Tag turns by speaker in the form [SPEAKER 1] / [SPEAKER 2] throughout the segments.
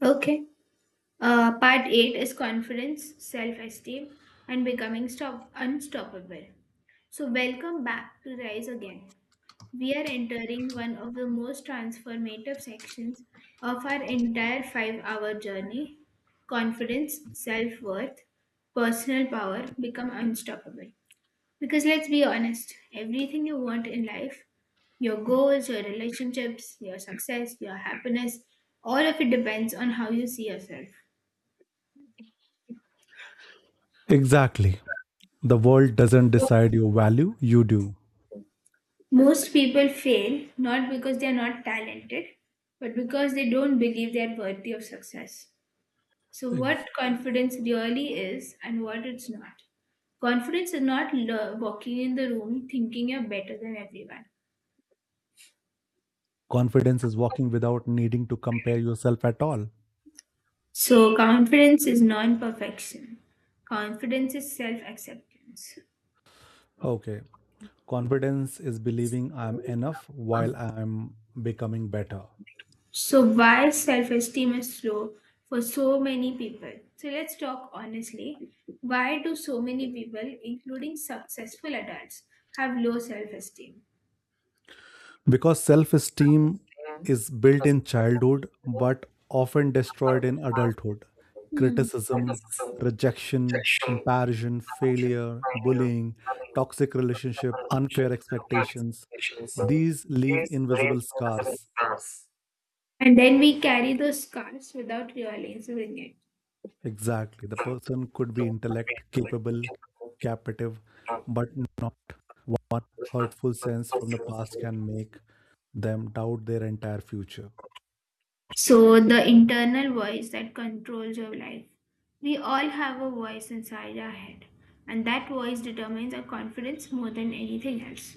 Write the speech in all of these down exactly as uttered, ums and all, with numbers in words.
[SPEAKER 1] Okay. Uh, part eight is confidence, self esteem, and becoming stop- unstoppable. So, welcome back to Rise Again. We are entering one of the most transformative sections of our entire five hour journey: confidence, self worth, personal power, become unstoppable. Because let's be honest, everything you want in life, your goals, your relationships, your success, your happiness, all of it depends on how you see yourself.
[SPEAKER 2] Exactly. The world doesn't decide your value, you do.
[SPEAKER 1] Most people fail not because they are not talented, but because they don't believe they are worthy of success. So,
[SPEAKER 2] Ex-
[SPEAKER 1] what confidence really is and what it's not. Confidence is not lo- walking in the room thinking you're better than everyone.
[SPEAKER 2] Confidence is walking without needing to compare yourself at all.
[SPEAKER 1] So, confidence is non perfection, confidence is self acceptance.
[SPEAKER 2] Okay. Confidence is believing I'm enough while I'm becoming better.
[SPEAKER 1] So, why self esteem is low for so many people? So, let's talk honestly. Why do so many people, including successful adults, have low self esteem?
[SPEAKER 2] Because self esteem is built in childhood but often destroyed in adulthood.
[SPEAKER 1] Hmm.
[SPEAKER 2] Criticism, rejection, comparison, failure, bullying, toxic relationship, unfair expectations. These leave invisible scars.
[SPEAKER 1] And then we carry those scars without realizing it.
[SPEAKER 2] Exactly. The person could be intellect, capable, captive, but not hurtful sense from the past can make them doubt their entire future.
[SPEAKER 1] So, the internal voice that controls your life. We all have a voice inside our head, and that voice determines our confidence more than anything else.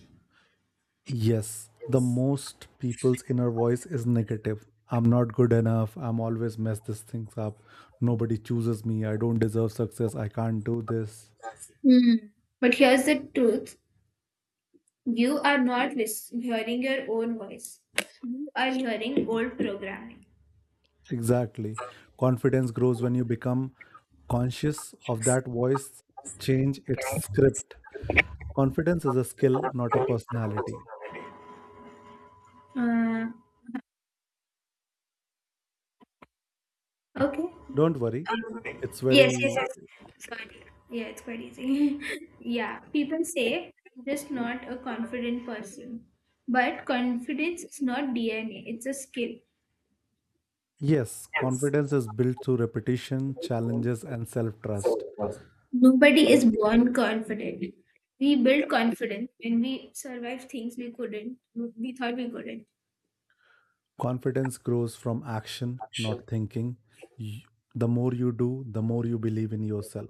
[SPEAKER 2] Yes, the most people's inner voice is negative. I'm not good enough. I'm always mess these things up. Nobody chooses me. I don't deserve success. I can't do this.
[SPEAKER 1] Hmm. But here's the truth: you are not lis- hearing your own voice. You are hearing old programming.
[SPEAKER 2] Exactly. Confidence grows when you become conscious of that voice, change its script. Confidence is a skill, not a personality.
[SPEAKER 1] Uh, okay.
[SPEAKER 2] Don't worry. It's
[SPEAKER 1] Yes, yes,
[SPEAKER 2] very,
[SPEAKER 1] yes. Sorry. Yeah, it's quite easy. Yeah, people say I'm just not a confident person. But confidence is not D N A, it's a skill.
[SPEAKER 2] yes, confidence is built through repetition, challenges, and self trust.
[SPEAKER 1] Nobody is
[SPEAKER 2] So,
[SPEAKER 1] born confident. We build confidence when we survive things we couldn't, we thought we couldn't.
[SPEAKER 2] confidence grows from action, not thinking. Y- The more you do, the more you believe in yourself.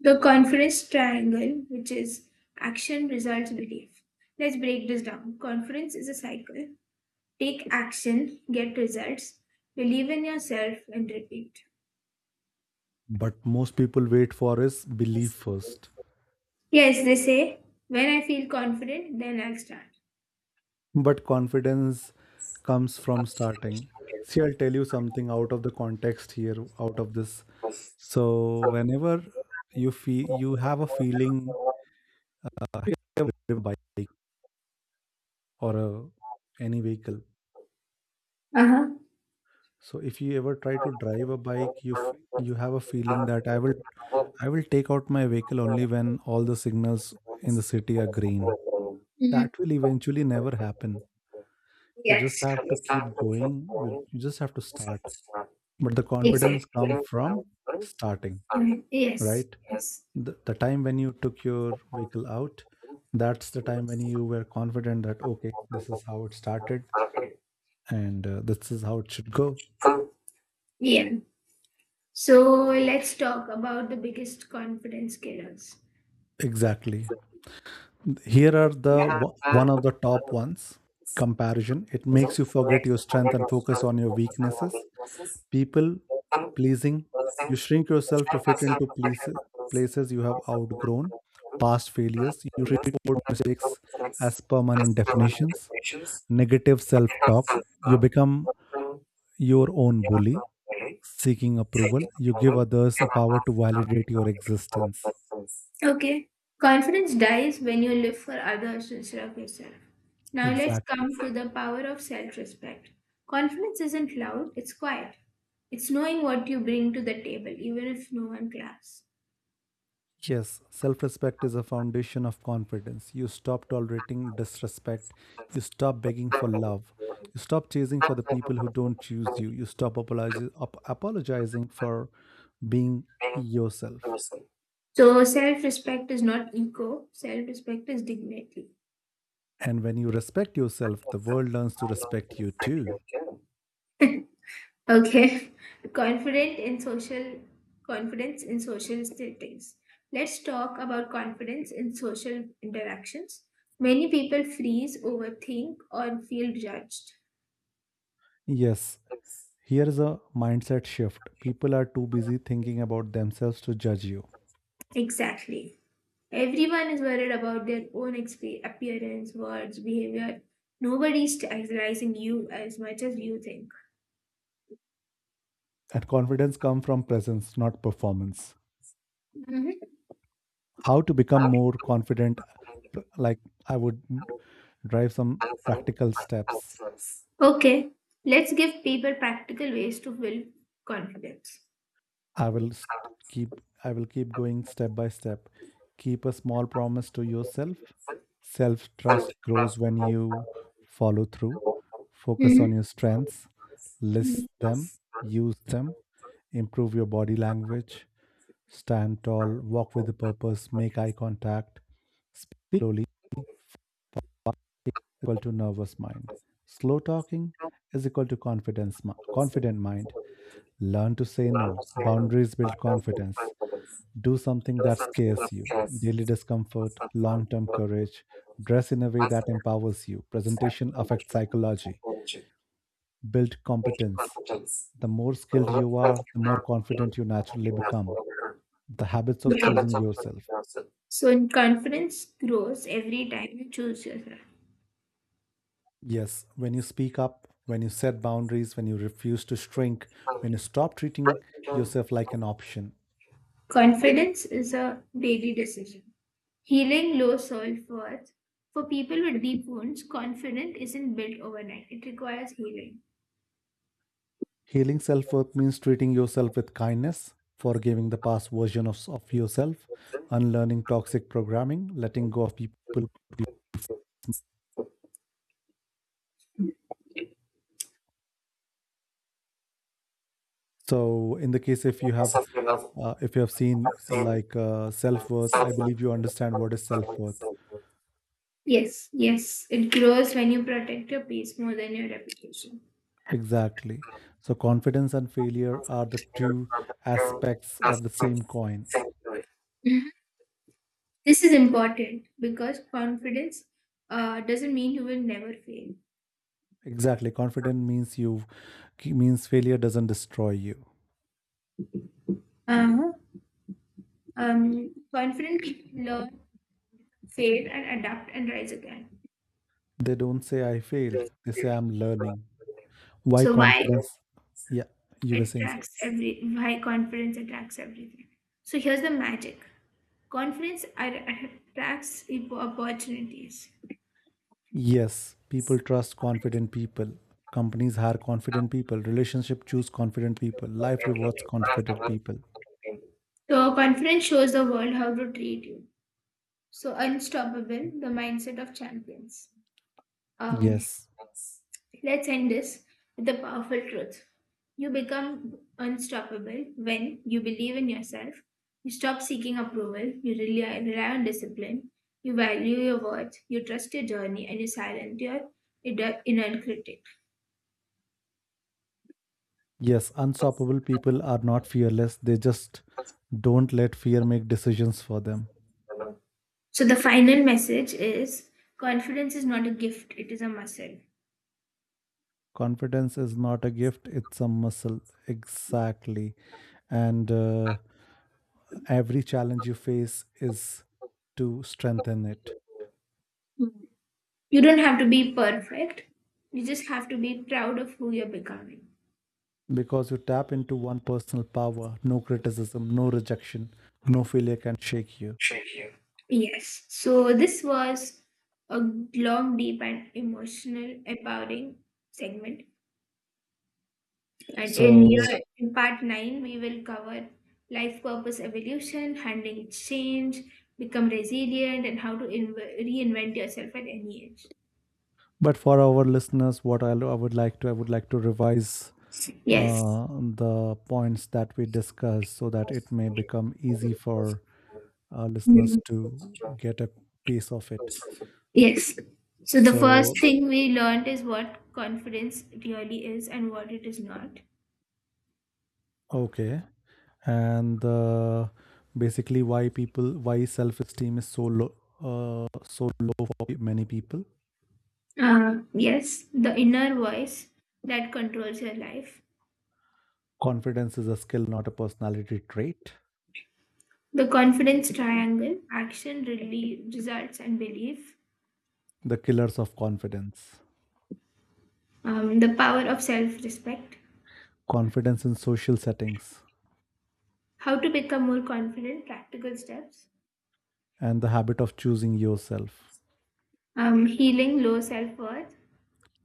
[SPEAKER 1] The conference triangle, which is action, results, belief. Let's break this down. Conference is a cycle. Take action, get results, believe in yourself, and repeat.
[SPEAKER 2] But most people wait for is belief first.
[SPEAKER 1] Yes, they say, when I feel confident, then I'll start.
[SPEAKER 2] But confidence comes from starting. See, I'll tell you something out of the context here, out of this. So, whenever you feel you have a feeling I ever drive a bike or a, any vehicle.
[SPEAKER 1] Uh huh.
[SPEAKER 2] So if you ever try to drive a bike, you f- you have a feeling that I will I will take out my vehicle only when all the signals in the city are green.
[SPEAKER 1] Mm.
[SPEAKER 2] That will eventually never happen. You just
[SPEAKER 1] Yes.
[SPEAKER 2] have to keep going. You you just have to start. But the confidence come from starting,
[SPEAKER 1] Mhm. Yes.
[SPEAKER 2] right? The, the time when you took your vehicle out, that's the time when you were confident that okay, this is how it started and uh, this is how it should go.
[SPEAKER 1] Yeah. So let's talk about the biggest confidence killers.
[SPEAKER 2] Exactly, here are the wo- one of the top ones: comparison, it makes you forget your strength and focus on your weaknesses. People pleasing, you shrink yourself to fit into places, places you have outgrown. Past failures, you treat old mistakes as permanent definitions. Negative self talk, you become your own bully. Seeking approval, you give others a power to validate your existence.
[SPEAKER 1] Okay. Confidence dies when you live for others instead of yourself. Now let's
[SPEAKER 2] Exactly.
[SPEAKER 1] come to the power of self respect. Confidence isn't loud, it's quiet. It's knowing what you bring to the table, even if no one claps.
[SPEAKER 2] Yes, self respect is a foundation of confidence. You stop tolerating disrespect. You stop begging for love. You stop chasing for the people who don't choose you. You stop apologi- ap- apologizing for being yourself.
[SPEAKER 1] So self respect is not ego, self respect is dignity.
[SPEAKER 2] And when you respect yourself, the world learns to respect you too.
[SPEAKER 1] Okay. Confident in social confidence in social settings. Let's talk about confidence in social interactions. Many people freeze, overthink, or feel judged.
[SPEAKER 2] Yes, here is a mindset shift. People are too busy thinking about themselves to judge you.
[SPEAKER 1] Exactly. Everyone is worried about their own exp- appearance, words, behavior. Nobody is idealizing you as much as you think.
[SPEAKER 2] And confidence comes from presence, not performance.
[SPEAKER 1] Mhm.
[SPEAKER 2] How to become more confident, like I would drive some practical steps.
[SPEAKER 1] Okay, let's give people practical ways to build confidence.
[SPEAKER 2] I will s- keep i will keep going step by step. Keep a small promise to yourself, self trust grows when you follow through. Focus on
[SPEAKER 1] Mhm.
[SPEAKER 2] your strengths,
[SPEAKER 1] Mhm.
[SPEAKER 2] list them, use them. Improve your body language, stand tall, walk with a purpose, make eye contact. Speak slowly equal to nervous mind. Slow talking is equal to confidence, mi- confident mind. Learn to say no. Boundaries build confidence. Do something that scares you. Daily discomfort, long term courage. Dress in a way that empowers you. Presentation affects psychology. Build competence. The more skilled you are, the more confident you naturally become. The habits
[SPEAKER 1] The
[SPEAKER 2] of choosing
[SPEAKER 1] Right.
[SPEAKER 2] yourself.
[SPEAKER 1] So, in confidence grows every time you choose yourself.
[SPEAKER 2] Yes, when you speak up, when you set boundaries, when you refuse to shrink, when you stop treating yourself like an option.
[SPEAKER 1] Confidence is a daily decision. Healing low self worth. For people with deep wounds, confidence isn't built overnight, it requires healing.
[SPEAKER 2] Healing self worth means treating yourself with kindness, forgiving the past version of, of yourself, unlearning toxic programming, letting go of people. So, in the case if you have uh, if you have seen like uh, self worth, I believe you understand what is self worth.
[SPEAKER 1] Yes, yes, it grows when you protect your peace more than your reputation.
[SPEAKER 2] Exactly. So, confidence and failure are the two aspects of the same coin.
[SPEAKER 1] Mhm. This is important because confidence uh, doesn't mean you will never fail.
[SPEAKER 2] Exactly. Confident means you means failure doesn't destroy you.
[SPEAKER 1] Uh, um, confident people learn, fail, and adapt and rise again.
[SPEAKER 2] They don't say I failed. They say I'm learning. Why
[SPEAKER 1] So why
[SPEAKER 2] confidence? Yeah, you were
[SPEAKER 1] it
[SPEAKER 2] saying something.
[SPEAKER 1] attracts every why confidence attracts everything. So here's the magic: confidence ar- attracts opportunities.
[SPEAKER 2] Yes, people trust confident people. Companies hire confident people. Relationship choose confident people. Life rewards confident people.
[SPEAKER 1] So confidence shows the world how to treat you. So, unstoppable, the mindset of champions. Um,
[SPEAKER 2] Yes.
[SPEAKER 1] let's end this with the powerful truth. You become unstoppable when you believe in yourself, you stop seeking approval, you rely, rely on discipline, you value your worth, you trust your journey, and you silence your inner inner critic.
[SPEAKER 2] Yes, unstoppable people are not fearless. They just don't let fear make decisions for them.
[SPEAKER 1] So, the final message is confidence is not a gift, it is a muscle.
[SPEAKER 2] Confidence is not a gift, it's a muscle. Exactly. And uh, every challenge you face is to strengthen it
[SPEAKER 1] You don't have to be perfect, you just have to be proud of who you're becoming.
[SPEAKER 2] because you tap into one personal power. No criticism, no rejection, no failure can shake you.
[SPEAKER 1] Yes. So this was a long, deep, and emotional, empowering segment. And in year
[SPEAKER 2] So
[SPEAKER 1] So, in part nine, we will cover life purpose evolution, handling change, become resilient, and how to inv- reinvent yourself at any age.
[SPEAKER 2] but for our listeners what i, I would like to i would like to revise
[SPEAKER 1] Yes.
[SPEAKER 2] uh, the points that we discussed so that it may become easy for our listeners
[SPEAKER 1] Mhm.
[SPEAKER 2] to get a piece of it.
[SPEAKER 1] Yes. So the
[SPEAKER 2] So,
[SPEAKER 1] first thing we learned is what confidence really is and what it is not.
[SPEAKER 2] okay. And uh, basically why people why self-esteem is so low uh, so low for pe- many people.
[SPEAKER 1] Uh, yes, the inner voice that controls your life.
[SPEAKER 2] Confidence is a skill, not a personality trait.
[SPEAKER 1] The confidence triangle: action, really, results, and belief.
[SPEAKER 2] The killers of confidence.
[SPEAKER 1] Um, the power of self respect.
[SPEAKER 2] Confidence in social settings,
[SPEAKER 1] How to become more confident, practical steps.
[SPEAKER 2] and the habit of choosing yourself.
[SPEAKER 1] Um, healing low self worth.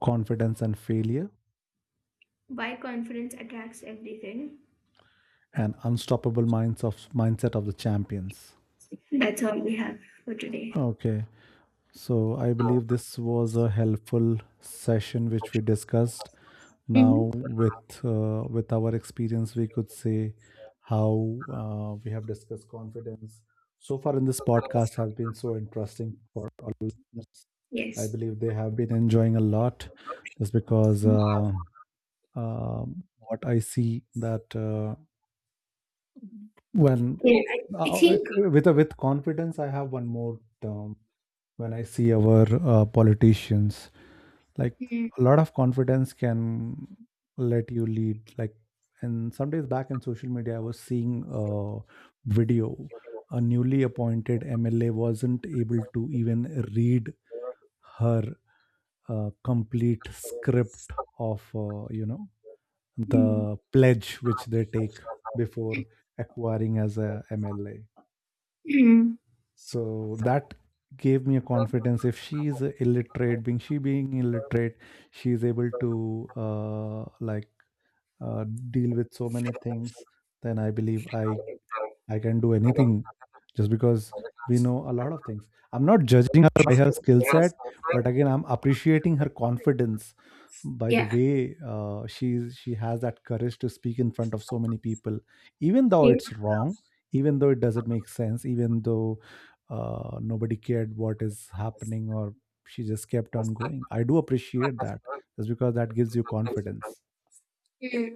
[SPEAKER 2] Confidence and failure,
[SPEAKER 1] Why confidence attracts everything.
[SPEAKER 2] and unstoppable minds of mindset of the champions.
[SPEAKER 1] That's all we have for today.
[SPEAKER 2] Okay. So I believe this was a helpful session which we discussed.
[SPEAKER 1] Mm-hmm.
[SPEAKER 2] Now with uh, with our experience, we could say how uh, we have discussed confidence. So far in this podcast has been so interesting for all listeners. I
[SPEAKER 1] Yes.
[SPEAKER 2] believe they have been enjoying a lot, just because uh, um what I see that uh, when
[SPEAKER 1] Yeah, I, I
[SPEAKER 2] uh,
[SPEAKER 1] think.
[SPEAKER 2] with with confidence, I have one more term when I see our uh, politicians. Like a lot of confidence can let you lead. Like, and some days back in social media, I was seeing a video. A newly appointed M L A wasn't able to even read her uh, complete script of uh, you know
[SPEAKER 1] Mm-hmm.
[SPEAKER 2] the pledge which they take before acquiring as a M L A,
[SPEAKER 1] Mm, mm,
[SPEAKER 2] so that gave me a confidence. If she's a illiterate being, she being illiterate, she's able to uh, like uh, deal with so many things, then I believe I I can do anything, just because we know a lot of things. I'm not judging her by her skill set, but again, I'm appreciating her confidence by the
[SPEAKER 1] yeah.
[SPEAKER 2] way uh, she's she has that courage to speak in front of so many people, even though it's wrong, even though it doesn't make sense, even though uh, nobody cared what is happening, or she just kept on going. I do appreciate that just because that gives you confidence.
[SPEAKER 1] Mm-hmm.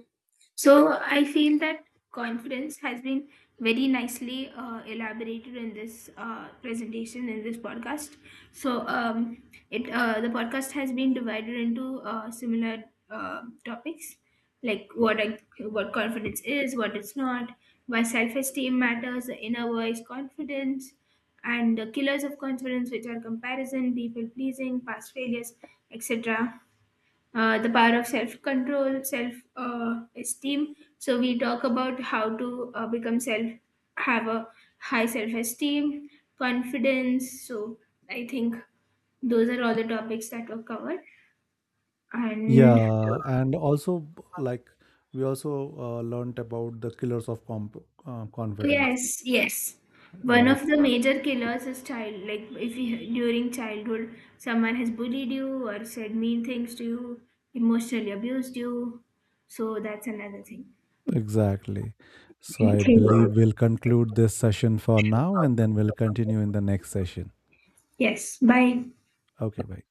[SPEAKER 1] So I feel that confidence has been very nicely uh, elaborated in this uh, presentation, in this podcast. So um, it uh, the podcast has been divided into uh, similar uh, topics, like what I, what confidence is, what it's not, why self-esteem matters, the inner voice, confidence, and the killers of confidence, which are comparison, people pleasing, past failures, etc. Uh, the power of self control, self uh, esteem. So we talk about how to uh, become self, have a high self esteem, confidence. So I think those are all the topics that were covered. And
[SPEAKER 2] Yeah, and also like we also uh, learned about the killers of comp uh, confidence,
[SPEAKER 1] yes, yes, one
[SPEAKER 2] right?
[SPEAKER 1] of the major killers is child. Like if you, during childhood someone has bullied you or said mean things to you, emotionally abused you. So that's another thing.
[SPEAKER 2] Exactly. So I
[SPEAKER 1] Thank you.
[SPEAKER 2] believe we'll conclude this session for now and then we'll continue in the next session.
[SPEAKER 1] Yes. Bye.
[SPEAKER 2] Okay, bye.